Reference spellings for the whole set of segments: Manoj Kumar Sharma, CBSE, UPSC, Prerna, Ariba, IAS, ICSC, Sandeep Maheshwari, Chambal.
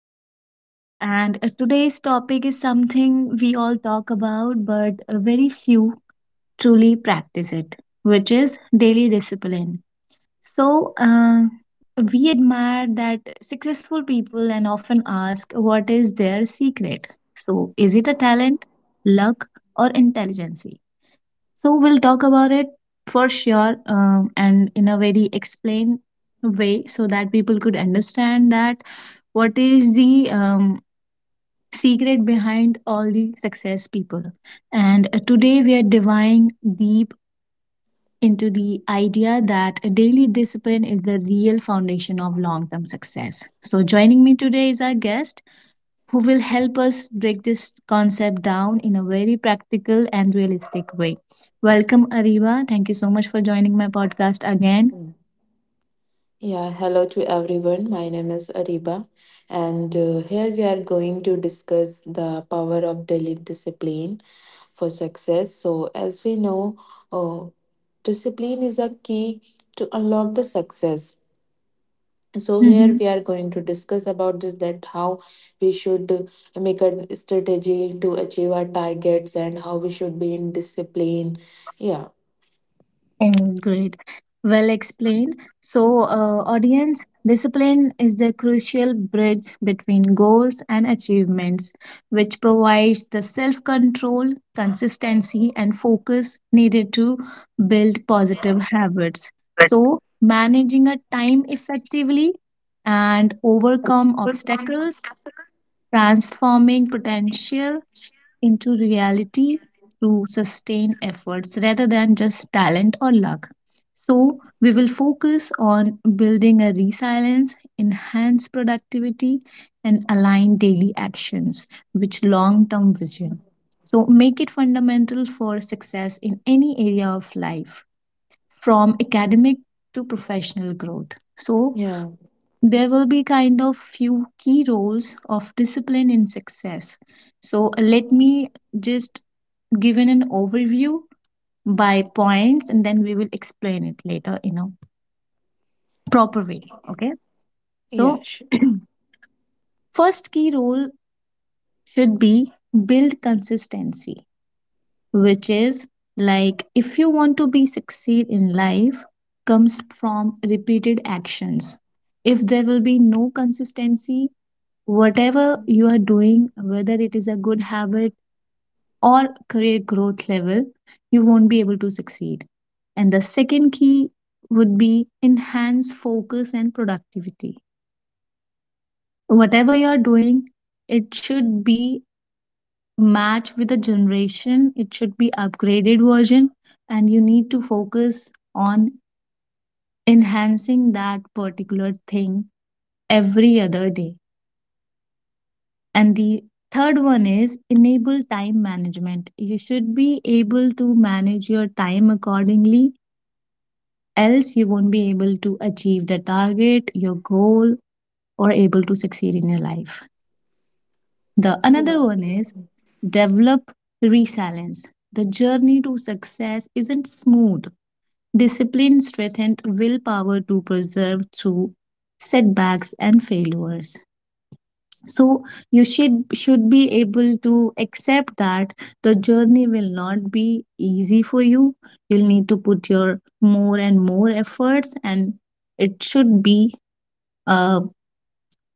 today. And today's topic is something we all talk about, but very few truly practice it, which is daily discipline. So, we admire that successful people and often ask what is their secret. So, is it a talent, luck, or intelligence? So we'll talk about it for sure and in a very explained way so that people could understand that what is the secret behind all the success people. And today we are diving deep into the idea that daily discipline is the real foundation of long term success. So joining me today is our guest who will help us break this concept down in a very practical and realistic way. Welcome, Ariba. Thank you so much for joining my podcast again. Mm. Yeah, hello to everyone. My name is Ariba, and here we are going to discuss the power of daily discipline for success. So, as we know, uh, discipline is a key to unlock the success. So, here we are going to discuss about this that how we should make a strategy to achieve our targets and how we should be in discipline. Yeah, Oh, great. Well explained. So, audience, discipline is the crucial bridge between goals and achievements, which provides the self control, consistency, and focus needed to build positive habits. So, managing a time effectively and overcome obstacles, transforming potential into reality through sustained efforts rather than just talent or luck. So, we will focus on building a resilience, enhance productivity, and align daily actions with long term vision. So, make it fundamental for success in any area of life, from academic to professional growth. So, yeah, there will be kind of few key roles of discipline in success. So, let me just given an overview by points and then we will explain it later in a proper way. Okay. So, yeah, sure. first key role should be build consistency, which is like if you want to be succeed in life, comes from repeated actions. If there will be no consistency, whatever you are doing, whether it is a good habit or career growth level, you won't be able to succeed. And the second key would be enhance focus and productivity. Whatever you're doing, it should be matched with the generation, it should be upgraded version, and you need to focus on enhancing that particular thing every other day. And the third one is enable time management. You should be able to manage your time accordingly, else you won't be able to achieve the target your goal or able to succeed in your life. The another Yeah, one is develop resilience. The journey to success isn't smooth. Discipline strengthened willpower to persevere through setbacks and failures. So you should be able to accept that the journey will not be easy for you. You'll need to put your more and more efforts, and it should be uh,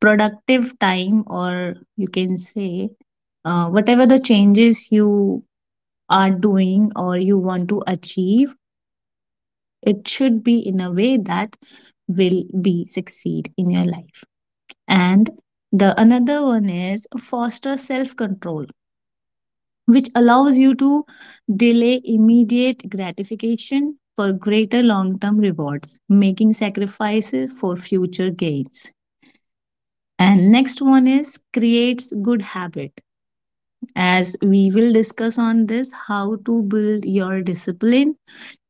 productive time, or you can say whatever the changes you are doing or you want to achieve, it should be in a way that will be succeed in your life. And the another one is foster self control, which allows you to delay immediate gratification for greater long term rewards, making sacrifices for future gains. And next one is creates good habit, as we will discuss on this how to build your discipline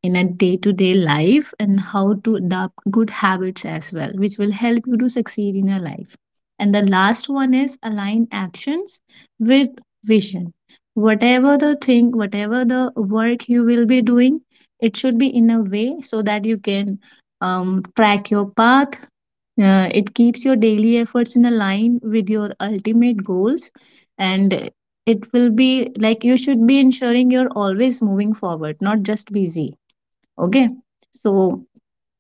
in a day to day life and how to adopt good habits as well, which will help you to succeed in your life. And the last one is align actions with vision. Whatever the thing, whatever the work you will be doing, it should be in a way so that you can track your path. It keeps your daily efforts in a line with your ultimate goals, and it will be like you should be ensuring you're always moving forward, not just busy. Okay. So,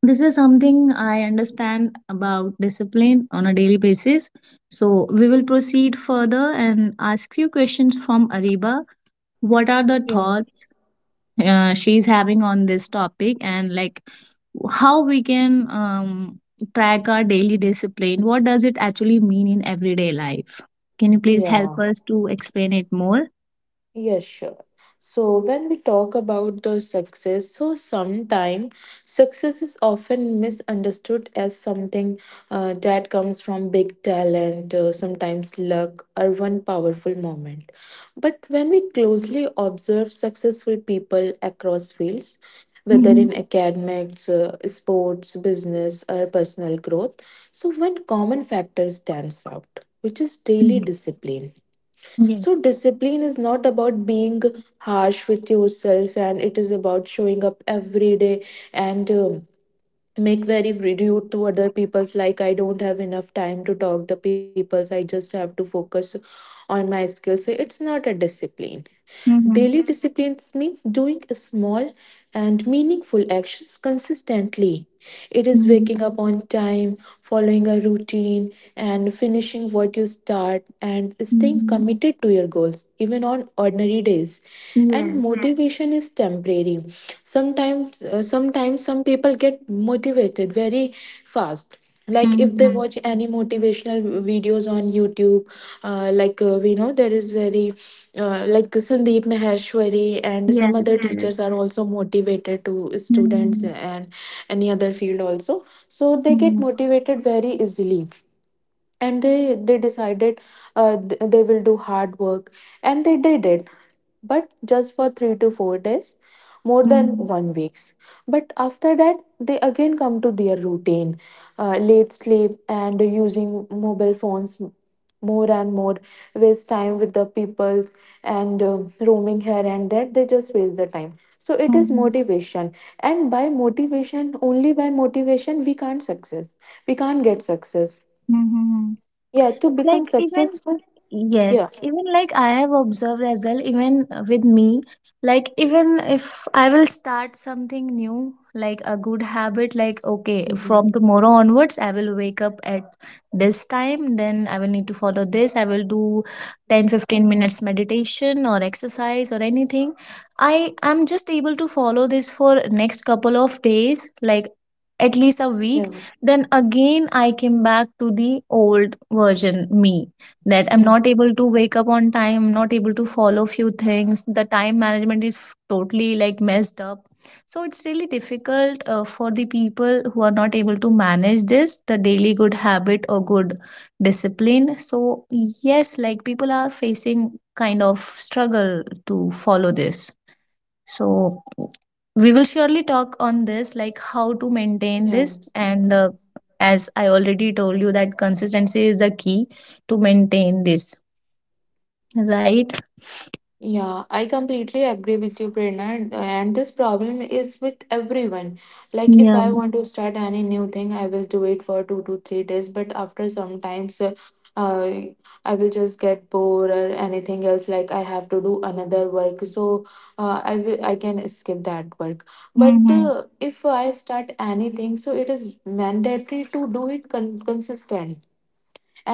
this is something I understand about discipline on a daily basis. So, we will proceed further and ask few questions from Ariba. What are the yeah, thoughts she's having on this topic, and like how we can track our daily discipline? What does it actually mean in everyday life? Can you please help yeah. us to explain it more? Yeah, sure. So when we talk about the success, so sometimes success is often misunderstood as something that comes from big talent, sometimes luck, or one powerful moment. But when we closely observe successful people across fields, whether Mm-hmm. in academics, sports, business, or personal growth, so one common factor stands out, which is daily discipline. Yes. So, discipline is not about being harsh with yourself, and it is about showing up every day and make very rude to other people's. Like, I don't have enough time to talk the people's. I just have to focus on my skills. So, it's not a discipline. Mm-hmm. Daily disciplines means doing small and meaningful actions consistently. It is Mm-hmm. waking up on time, following a routine, and finishing what you start, and staying Mm-hmm. committed to your goals, even on ordinary days. And Yes. motivation is temporary. Sometimes, sometimes some people get motivated very fast, like if they Mm-hmm. watch any motivational videos on youtube. We know there is very like sandeep maheshwari and Yes. some other Yes. teachers are also motivated to students Mm-hmm. and any other field also, so they get Mm-hmm. motivated very easily, and they decided they will do hard work and they did it, but just for 3 to 4 days, more than 1 weeks. But after that they again come to their routine, late sleep and using mobile phones more and more, waste time with the people, and roaming here and there, they just waste the time. So it is Mm-hmm. motivation, and by motivation only by motivation we can't success, we can't get success, Mm-hmm. yeah, to become like even successful. Yeah. Yes, even like I have observed as well, even with me. Like even if I will start something new, like a good habit, like okay, Mhm. from tomorrow onwards I will wake up at this time, then I will need to follow this, I will do 10 to 15 minutes meditation or exercise or anything. I am just able to follow this for next couple of days, like at least a week. Yeah. Then again I came back to the old version me, that I'm Yeah, not able to wake up on time, I'm not able to follow few things. The time management is totally like messed up. So it's really difficult for the people who are not able to manage this, the daily good habit or good discipline. So yes, like people are facing kind of struggle to follow this. So we will surely talk on this, like how to maintain yeah. this. And as I already told you, that consistency is the key to maintain this, right? Yeah, I completely agree with you, Prerna, and this problem is with everyone. Like, if Yeah. I want to start any new thing, I will do it for 2 to 3 days, but after sometimes, uh, I will just get bored or anything else. Like, I have to do another work, so I will, I can skip that work. But Mm-hmm. If I start anything, so it is mandatory to do it consistent,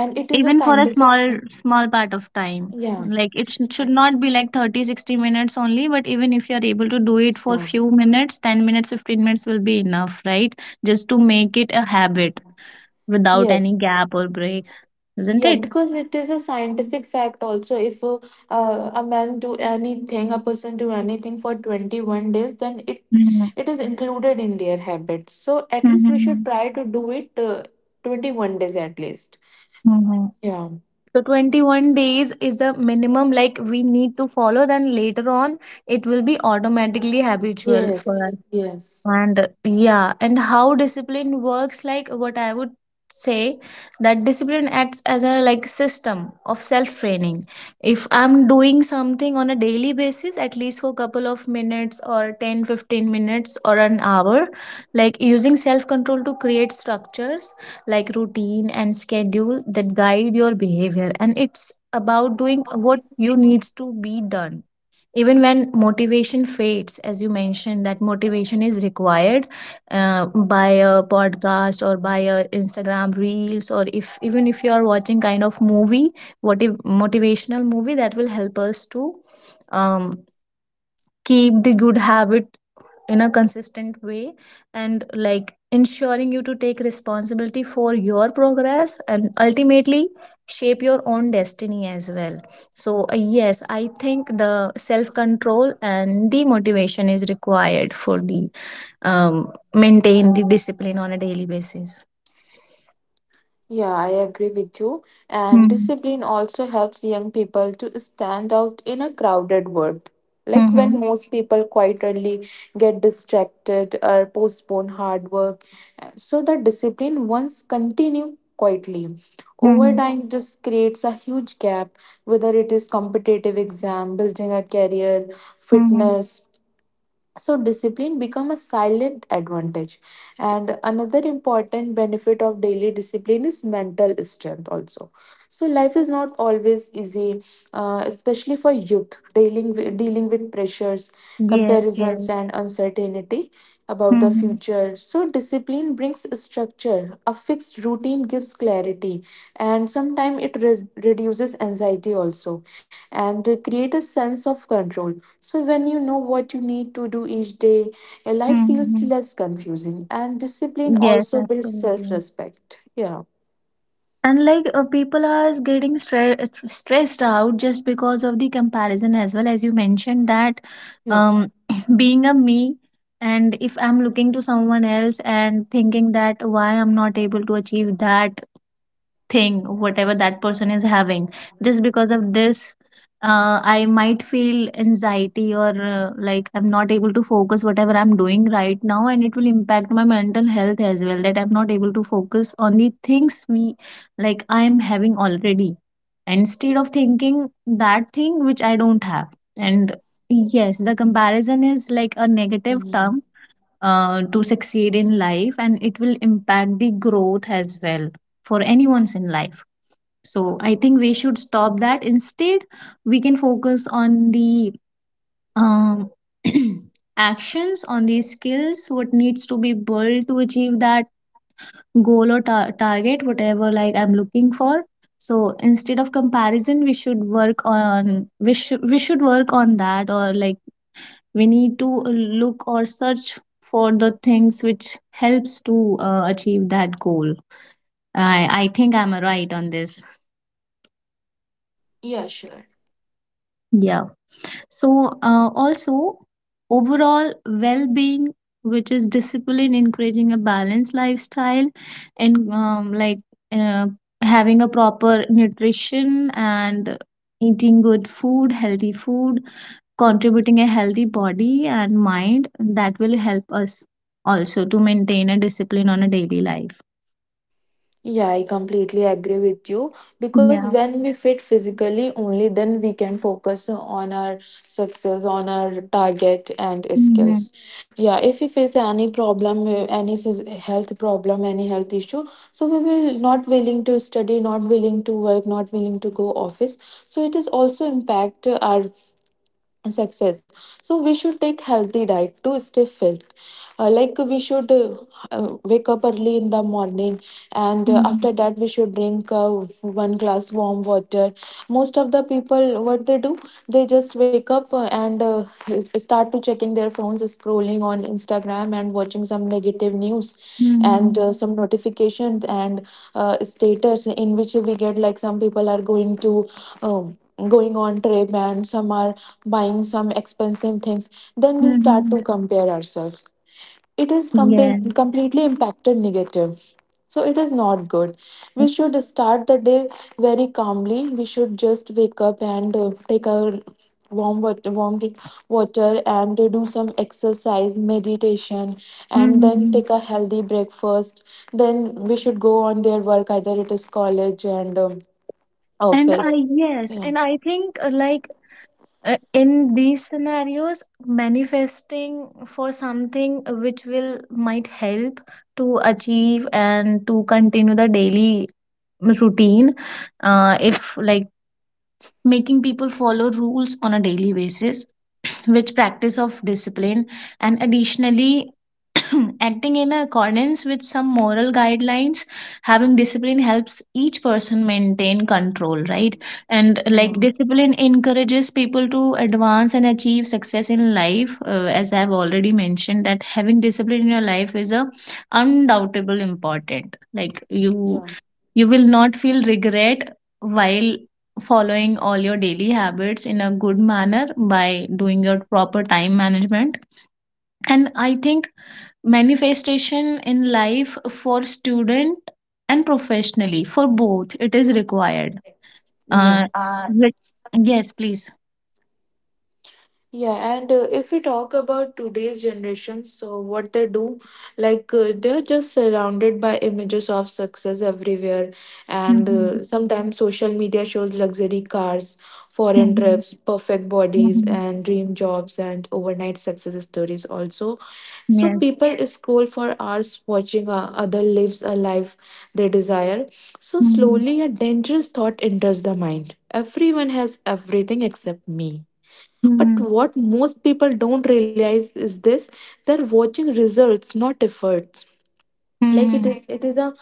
and it is a Even for a scientific. small part of time. Yeah. Like it should not be like 30, 60 minutes only, but even if you are able to do it for Yeah. few minutes, 10 minutes, 15 minutes will be enough, right? Just to make it a habit without any Yes. gap or break, isn't Yeah, it? because it is a scientific fact also. If a person do anything for 21 days, then it Mm-hmm. it is included in their habits. So at least we should try to do it 21 days at least. Mm-hmm. Yeah. So 21 days is the minimum like we need to follow, then later on it will be automatically habitual for Yes, us. yes. And yeah, and how discipline works, like what I would say, that discipline acts as a like system of self training. If I'm doing something on a daily basis, at least for a couple of minutes or 10, 15 minutes or an hour, like using self control to create structures like routine and schedule that guide your behavior. And it's about doing what you needs to be done even when motivation fades, as you mentioned that motivation is required by a podcast or by a instagram reels, or if even if you are watching kind of movie, what if motivational movie that will help us to um, keep the good habit in a consistent way, and like ensuring you to take responsibility for your progress and ultimately shape your own destiny as well. So yes, I think the self control and the motivation is required for the maintain the discipline on a daily basis. Yeah, I agree with you. And Mm-hmm. discipline also helps young people to stand out in a crowded world. Like Mm-hmm. when most people quite early get distracted or postpone hard work. So the discipline once continue quietly. Over Mm-hmm. time this creates a huge gap, whether it is competitive exam, building a career, Mm-hmm. fitness, so discipline become a silent advantage. And another important benefit of daily discipline is mental strength also. So life is not always easy, especially for youth dealing with, pressures, Yes, yes. comparisons and uncertainty about the Mm-hmm. future. So discipline brings structure. A fixed routine gives clarity, and sometimes it reduces anxiety also, and create a sense of control. So when you know what you need to do each day, your life feels Mm-hmm. less confusing, and discipline Yes, also builds absolutely. self-respect. Yeah. And like people are getting stressed out just because of the comparison, as well, as you mentioned that Yeah. um being a me, and if I'm looking to someone else and thinking that why I'm not able to achieve that thing whatever that person is having, just because of this I might feel anxiety or like I'm not able to focus whatever I'm doing right now, and it will impact my mental health as well, that I'm not able to focus on the things we, like I am having already, instead of thinking that thing which I don't have. And yes, the comparison is like a negative Mhm. term to succeed in life, and it will impact the growth as well for anyone's in life. So I think we should stop that, instead we can focus on the um, actions, on the skills what needs to be built to achieve that goal or target, whatever, like I'm looking for. So instead of comparison we should work on we should work on that, or like we need to look or search for the things which helps to achieve that goal. I think I'm right on this. Yeah, sure. Yeah. So also overall well-being, which is discipline encouraging a balanced lifestyle, and like uh, having a proper nutrition and eating good food, healthy food, contributing a healthy body and mind, that will help us also to maintain a discipline on a daily life. Yeah, I completely agree with you, because Yeah. when we fit physically, only then we can focus on our success, on our target and Mhm. skills. Yeah, if we face any problem, health problem, any health issue, so we will not willing to study, not willing to work, not willing to go office. So it is also impact our success. So we should take healthy diet to stay fit. Like, we should wake up early in the morning, and Mhm. after that we should drink one glass warm water. Most of the people, what they do, they just wake up and start to checking their phones, scrolling on instagram and watching some negative news, and Mhm. Some notifications and status, in which we get like some people are going to um, going on trip and some are buying some expensive things, then we start to Mhm. compare ourselves. It is Yeah. Completely impacted negative. So it is not good. We should start the day very calmly. We should just wake up and take a warm water and do some exercise, meditation, and then Mhm. take a healthy breakfast. Then we should go on their work, either it is college and And I, office. yes, Yeah. and I think like in these scenarios, manifesting for something which will might help to achieve and to continue the daily routine. If like making people follow rules on a daily basis, which practice of discipline, and additionally, acting in accordance with some moral guidelines. Having discipline helps each person maintain control, right? And like Yeah. discipline encourages people to advance and achieve success in life. As I've already mentioned, that having discipline in your life is a undoubtable important. Like you Yeah. you will not feel regret while following all your daily habits in a good manner by doing your proper time management. And I think manifestation in life for student and professionally, for both, it is required. Uh, Yeah. but- yes, please. Yeah, and if we talk about today's generation, so what they do, like they're just surrounded by images of success everywhere, and Mhm, sometimes social media shows luxury cars, foreign mhm, trips, perfect bodies, mhm. and dream jobs, and overnight success stories also. So Yes. people scroll for hours watching other lives, a life they desire. So Mhm, slowly, a dangerous thought enters the mind. Everyone has everything except me. But mhm, what most people don't realize is this: they're watching results, not efforts. Like mhm. It is a,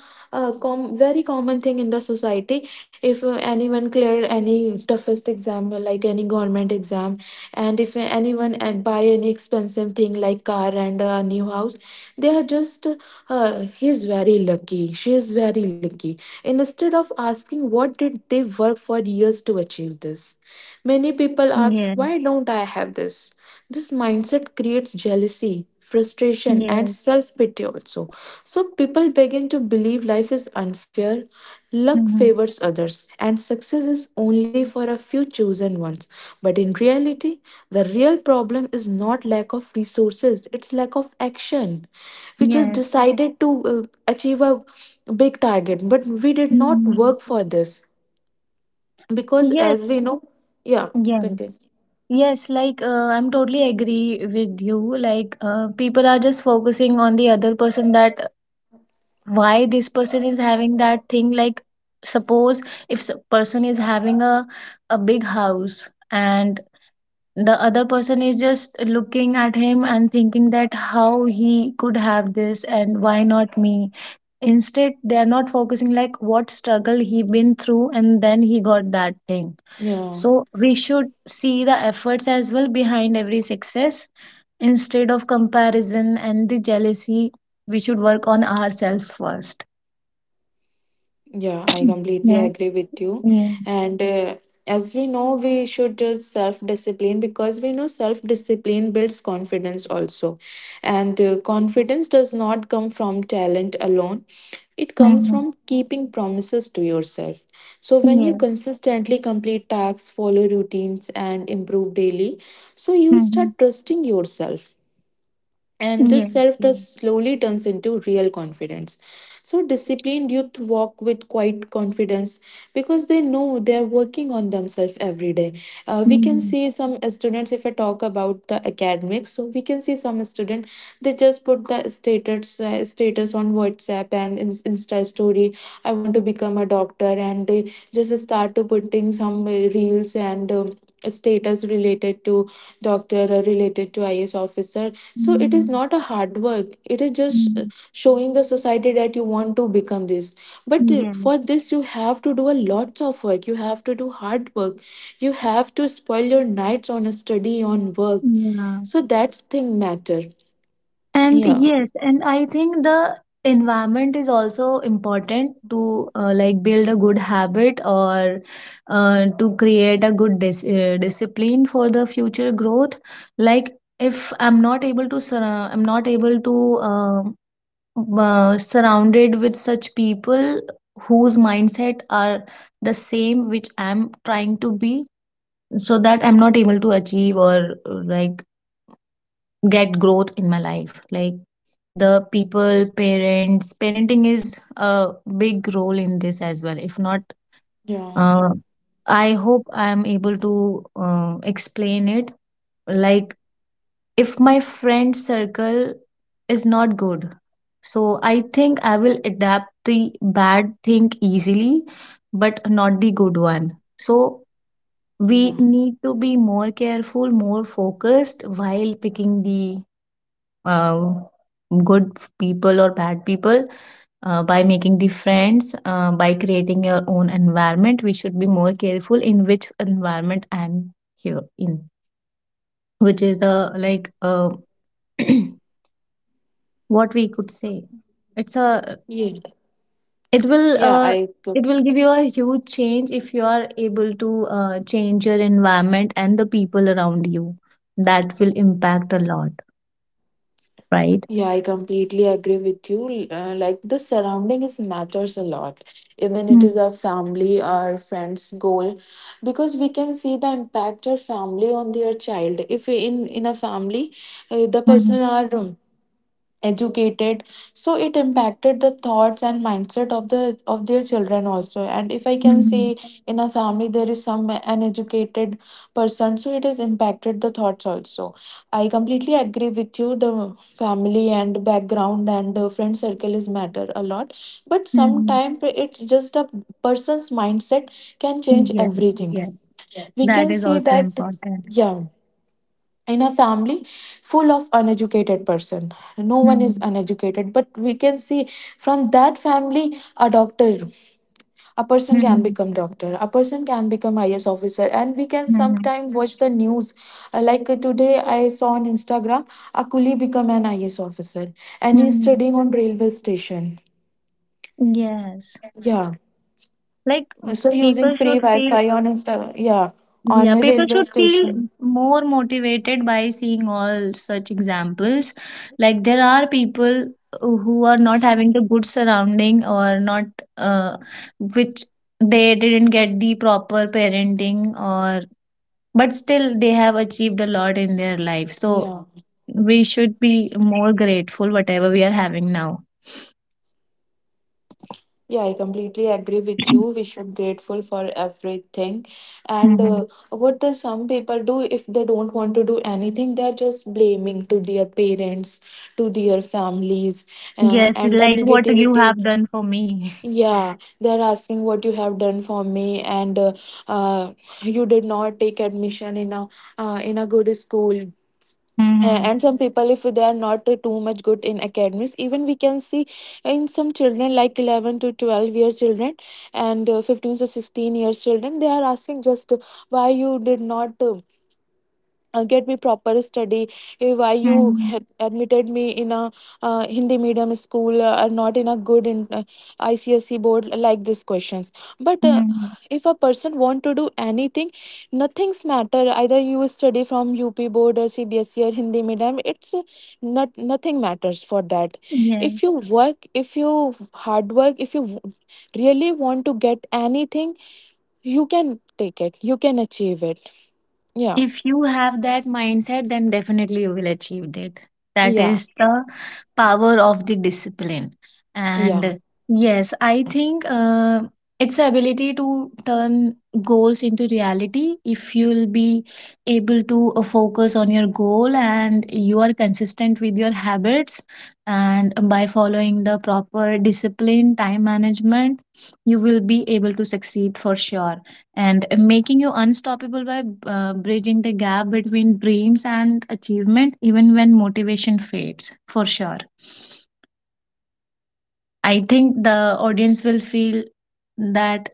com- very common thing in the society. If anyone cleared any toughest exam, like any government exam, and if anyone buy any expensive thing like car and a new house, they are just he's very lucky, she is very lucky, instead of asking what did they work for years to achieve this. Many people ask, Yes. why don't I have this? This mindset creates jealousy, frustration and Yes. self pity also. So people begin to believe life is unfair, luck Mhm. favors others, and success is only for a few chosen ones. But in reality, the real problem is not lack of resources, it's lack of action. We just Yes. decided to achieve a big target, but we did not Mhm. work for this, because Yes. as we know, yeah, Yes. continue. Yes, like I'm totally agree with you. People are just focusing on the other person, that why this person is having that thing. Like suppose if person is having a big house and the other person is just looking at him and thinking that how he could have this and why not me, instead they are not focusing like what struggle he been through and then he got that thing. Yeah. So we should see the efforts as well behind every success, instead of comparison and the jealousy we should work on ourselves first. Yeah, I completely Yes, agree with you. yes, And as we know, we should just self discipline, because we know self discipline builds confidence also. And confidence does not come from talent alone, it comes mhm, from keeping promises to yourself. So, when you yes, consistently complete tasks, follow routines, and improve daily, so you start mhm, trusting yourself. And this yes, self yes, trust slowly turns into real confidence. So, disciplined youth walk with quite confidence because they know they are working on themselves every day. We can mhm, see some students, if I talk about the academics, so we can see some student, they just put the status, on WhatsApp and Insta story. I want to become a doctor, and they just start to putting some reels and status related to doctor or related to IAS officer. So it is mhm, not a hard work, it is just mhm, showing the society that you want to become this. But yes, for this you have to do a lots of work, you have to do hard work, you have to spoil your nights on a study, on work, yeah. so that's thing matter. And Yeah. yes, and I think the environment is also important to like build a good habit or to create a good discipline for the future growth. Like if I'm not able to I'm not able to um surrounded with such people whose mindset are the same which I'm trying to be, so that I'm not able to achieve or, like, get growth in my life. Like the people parents parenting is a big role in this as well. If not, Yeah. uh, I hope I am able to explain it. Like if my friend circle is not good, so I think I will adapt the bad thing easily but not the good one. So we Yeah. need to be more careful, more focused while picking the um, good people or bad people, by making the friends, by creating your own environment. We should be more careful in which environment I'm here in, which is the what we could say, it's a, Yeah. it will yeah uh, i it will give you a huge change if you are able to change your environment and the people around you. That will impact a lot, right? Yeah, I completely agree with you. Like, the surrounding is matters a lot. Even it Mm-hmm. is our family, our friends' goal, because we can see the impact of family on their child. If in a family, the Mm-hmm. person are educated, so it impacted the thoughts and mindset of the of their children also. And if I can say, in a family there is some uneducated person, so it has impacted the thoughts also. I completely agree with you, the family and background and friend circle is matter a lot. But Mm-hmm. sometimes it's just a person's mindset can change everything. Yes. We That can is see also that. important. Yeah. In a family full of uneducated person, no one is Hmm, uneducated, but we can see from that family a doctor, a person can hmm, become doctor, a person can become IAS officer, and we can hmm, hmm. sometime watch the news. Like today I saw on instagram, a coolie become an IAS officer and he's Hmm. studying on railway station. Yes. Yeah, Like so using people free should feel, wi-fi on insta. Yeah, on yeah, a people railway should feel station. more motivated by seeing all such examples. Like there are people who are not having the good surrounding or not, uh, which they didn't get the proper parenting or, but still they have achieved a lot in their life. So Yeah. we should be more grateful whatever we are having now. Yeah, I completely agree with you. We should grateful for everything. And Mhm. what does some people do if they don't want to do anything? They are just blaming to their parents, to their families, Yes, and the like what you negativity. have done for me. Yeah, they are asking what you have done for me, and uh, you did not take admission in a good school. A- Mhm. and some people if they are not too much good in academics, even we can see in some children like 11 to 12 years children and 15 to 16 years children, they are asking just why you did not get me proper study, if why you Mhm. had admitted me in a hindi medium school, or not in a good in, icsc board, like these questions. But Mhm. if a person want to do anything, nothing's matter, either you study from up board or CBSE or hindi medium. It's nothing matters for that. Yes. If you work, if you hard work, if you w- really want to get anything, you can take it, you can achieve it. yeah If you have that mindset, then definitely you will achieve that. That yeah is the power of the discipline. yeah And yes, I think it's the ability to turn goals into reality. If you'll be able to focus on your goal and you are consistent with your habits, and by following the proper discipline, time management, you will be able to succeed for sure, and making you unstoppable by bridging the gap between dreams and achievement even when motivation fades. For sure I think the audience will feel that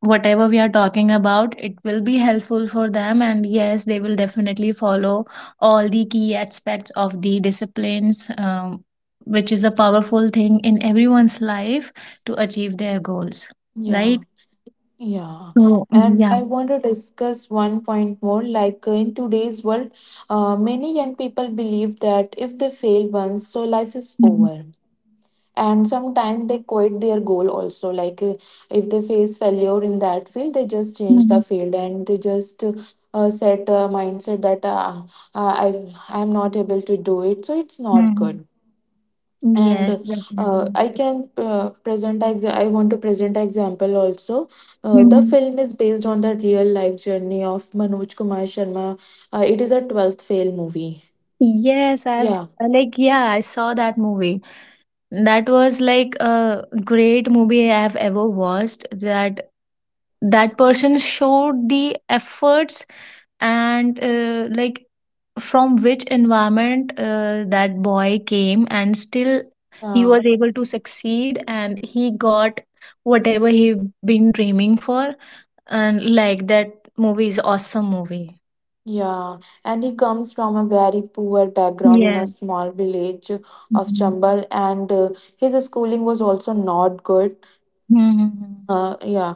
whatever we are talking about, it will be helpful for them, and yes, they will definitely follow all the key aspects of the disciplines, which is a powerful thing in everyone's life to achieve their goals, right? Yeah, yeah. So And yeah. I want to discuss one point more. Like in today's world, many young people believe that if they fail once, so life is Mhm. over. And sometimes they quit their goal also. Like if they face failure in that field, they just change the Mhm. field and they just set a mindset that I am not able to do it. So it's not Mhm. good. And Yes, definitely. I can I want to present example also. The Mhm. film is based on the real life journey of Manoj Kumar Sharma. It is a 12th fail movie. Yes, I've yeah like yeah, I saw that movie. That was like a great movie I've ever watched. That person showed the efforts and, like, from which environment that boy came, and still he yeah was able to succeed and he got whatever he been dreaming for. And like that movie is awesome movie. yeah And he comes from a very poor background in a Yeah. small village of Chambal, and his schooling was also not good. Mhm. Yeah.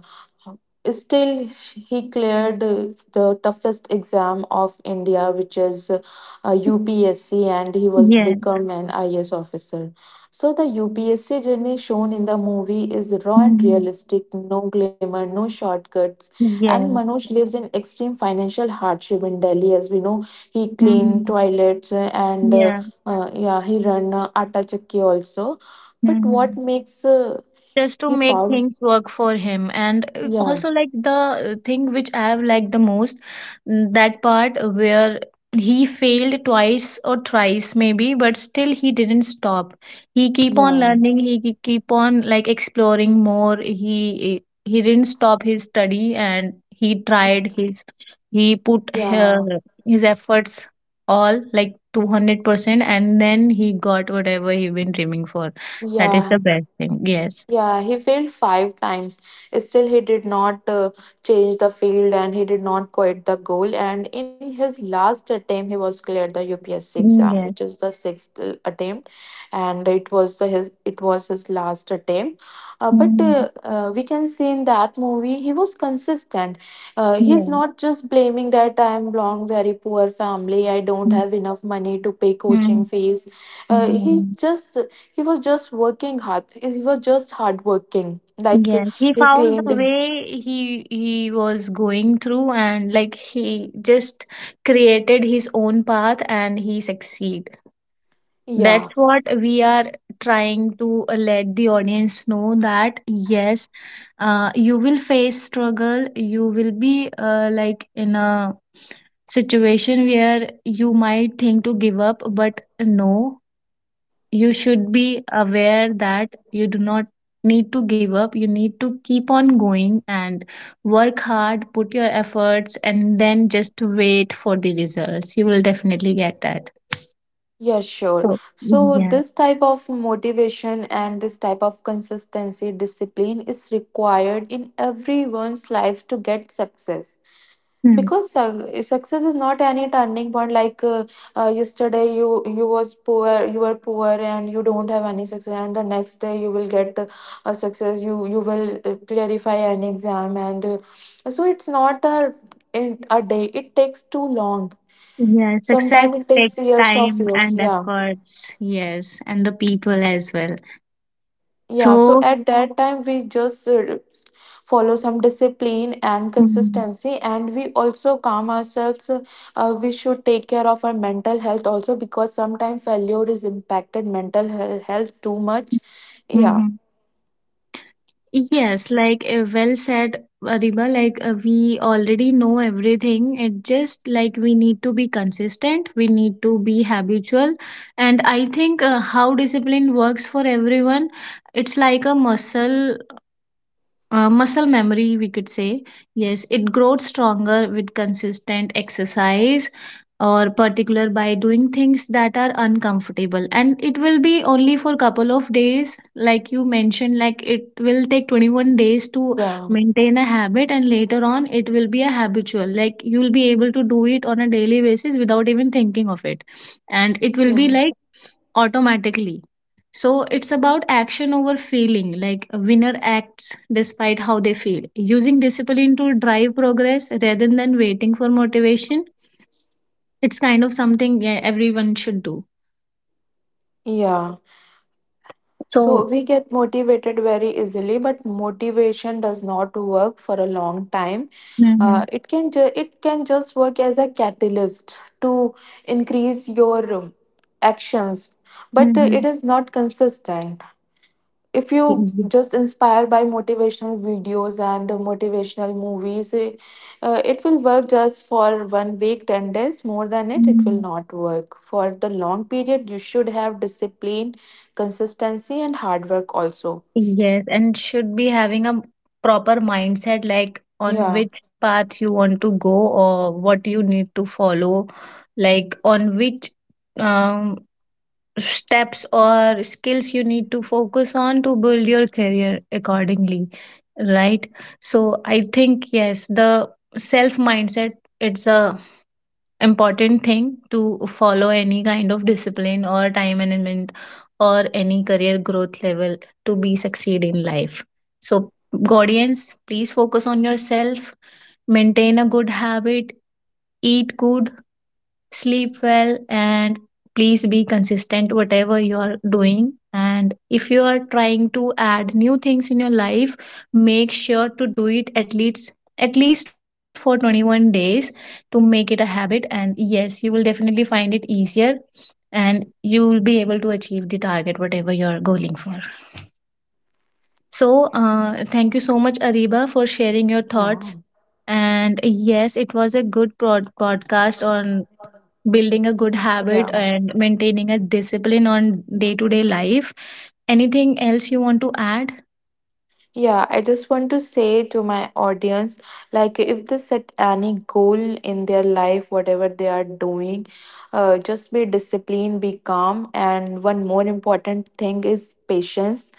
Still, he cleared the toughest exam of India, which is UPSC, and he was Yes. become an IAS officer. So the UPSC journey shown in the movie is raw and Mhm. realistic, no glamour, no shortcuts. And Yes. Manoj lives in extreme financial hardship in Delhi, as we know. He cleaned Mhm. toilets uh, and uh, Yeah. uh, yeah, he run atta chakki also. But what Mhm. makes Just to he make powerful? things work for him, and Yeah. also like the thing which I have liked the most, mm, that part where he failed twice or thrice maybe, but still he didn't stop. He keep on Yeah, learning, he keep on like exploring more. He didn't stop his study, and he tried his, he put uh, yeah, his efforts all like 200%, and then he got whatever he been dreaming for. That is yeah, the best thing, yes. yeah. He failed five times. Still, he did not change the field and he did not quit the goal. And in his last attempt, he was cleared the UPSC Mm, exam, which yes. is the sixth attempt, and it was the, his it was his last attempt. Uh, but Mm, uh, uh, we can see in that movie he was consistent. He's yes. not just blaming that I am belong very poor family. I don't Mm, have enough money to pay coaching fees. mm, uh, he mm. just He was just working hard. He was just hardworking. Like Yes. He he found the cleaned. way, he was going through, and like he just created his own path and he succeed. That's Yeah, what we are trying to, let the audience know that yes, you will face struggle. You will be, like in a situation where you might think to give up, but no, you should be aware that you do not need to give up. You need to keep on going and work hard, put your efforts, and then just wait for the results, you will definitely get that. yeah, sure. So So, yeah. this type of motivation and this type of consistency, discipline is required in everyone's life to get success. Hmm. Because success is not any turning point. Like yesterday, you were poor, and you don't have any success. And the next day, you will get a success. You will clarify an exam, and so it's not a in a day. It takes too long. Yeah, success Sometimes it takes takes years of time years. and Yeah. efforts. Yes, and the people as well. Yeah, so So at that time we just follow some discipline and consistency, and we also calm ourselves. We should take care of our mental health also, because sometimes failure is impacted mental health too much. Yeah, mm-hmm. Yes, like well said, Ariba. Like we already know everything. It just like we need to be consistent. We need to be habitual, and I think how discipline works for everyone, it's like a muscle, muscle memory, we could say. Yes, it grows stronger with consistent exercise, or particular by doing things that are uncomfortable, and it will be only for couple of days. Like you mentioned, like it will take 21 days to yeah, maintain a habit, and later on it will be a habitual, like you will be able to do it on a daily basis without even thinking of it. And it will yeah, be like automatically. So it's about action over feeling, like a winner acts despite how they feel. Using discipline to drive progress rather than waiting for motivation, it's kind of something, yeah, everyone should do. yeah. So So, we get motivated very easily, but motivation does not work for a long time. Hmm, It can just work as a catalyst to increase your actions, but hmm. it is not consistent. If you just inspire by motivational videos and motivational movies, it will work just for one week 10 days, more than it will not work for the long period. You should have discipline, consistency and hard work also. Yes, and should be having a proper mindset like on yeah which path you want to go or what you need to follow, like on which um steps or skills you need to focus on to build your career accordingly, right? So I think yes, the self mindset, it's a important thing to follow any kind of discipline or time management or any career growth level to be succeed in life. So guardians, please focus on yourself, maintain a good habit, eat good, sleep well, and please be consistent whatever you are doing. And if you are trying to add new things in your life, make sure to do it at least for 21 days to make it a habit, and yes, you will definitely find it easier, and you will be able to achieve the target whatever you're going for. So thank you so much, Ariba, for sharing your yeah thoughts. And yes, it was a good podcast on building a good habit Yeah. and maintaining a discipline on day to day life. Anything else you want to add? Yeah, I just want to say to my audience, like, if they set any goal in their life, whatever they are doing, just be disciplined, be calm. And one more important thing is patience.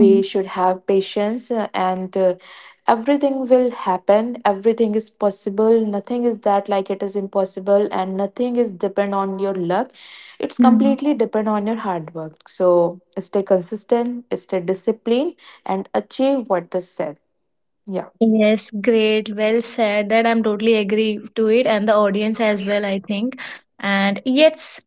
We should have patience, and everything will happen, everything is possible, nothing is that like it is impossible, and nothing is depend on your luck. It's Hmm. completely depend on your hard work. So stay consistent, stay disciplined, and achieve what is said. Yeah, Yes, great. Well said. That I'm totally agree to it, and the audience as well, I think. And yes,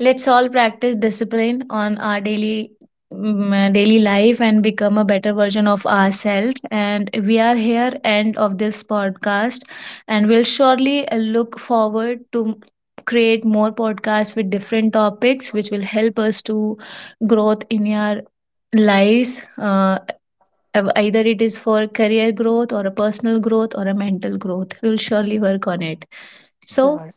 let's all practice discipline on our daily, mm, daily life, and become a better version of ourselves. And we are here end of this podcast, and we'll surely look forward to create more podcasts with different topics which will help us to growth in our lives. Uh, either it is for career growth or a personal growth or a mental growth, we'll surely work on it. So, sure.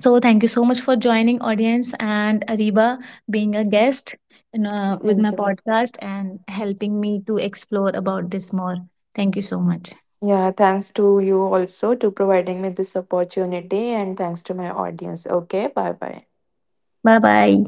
so thank you so much for joining, audience, and Ariba, being a guest in, with my Thank you. podcast and helping me to explore about this more. Thank you so much. Yeah, thanks to you also to providing me this opportunity, and thanks to my audience. Okay, bye bye. Bye bye.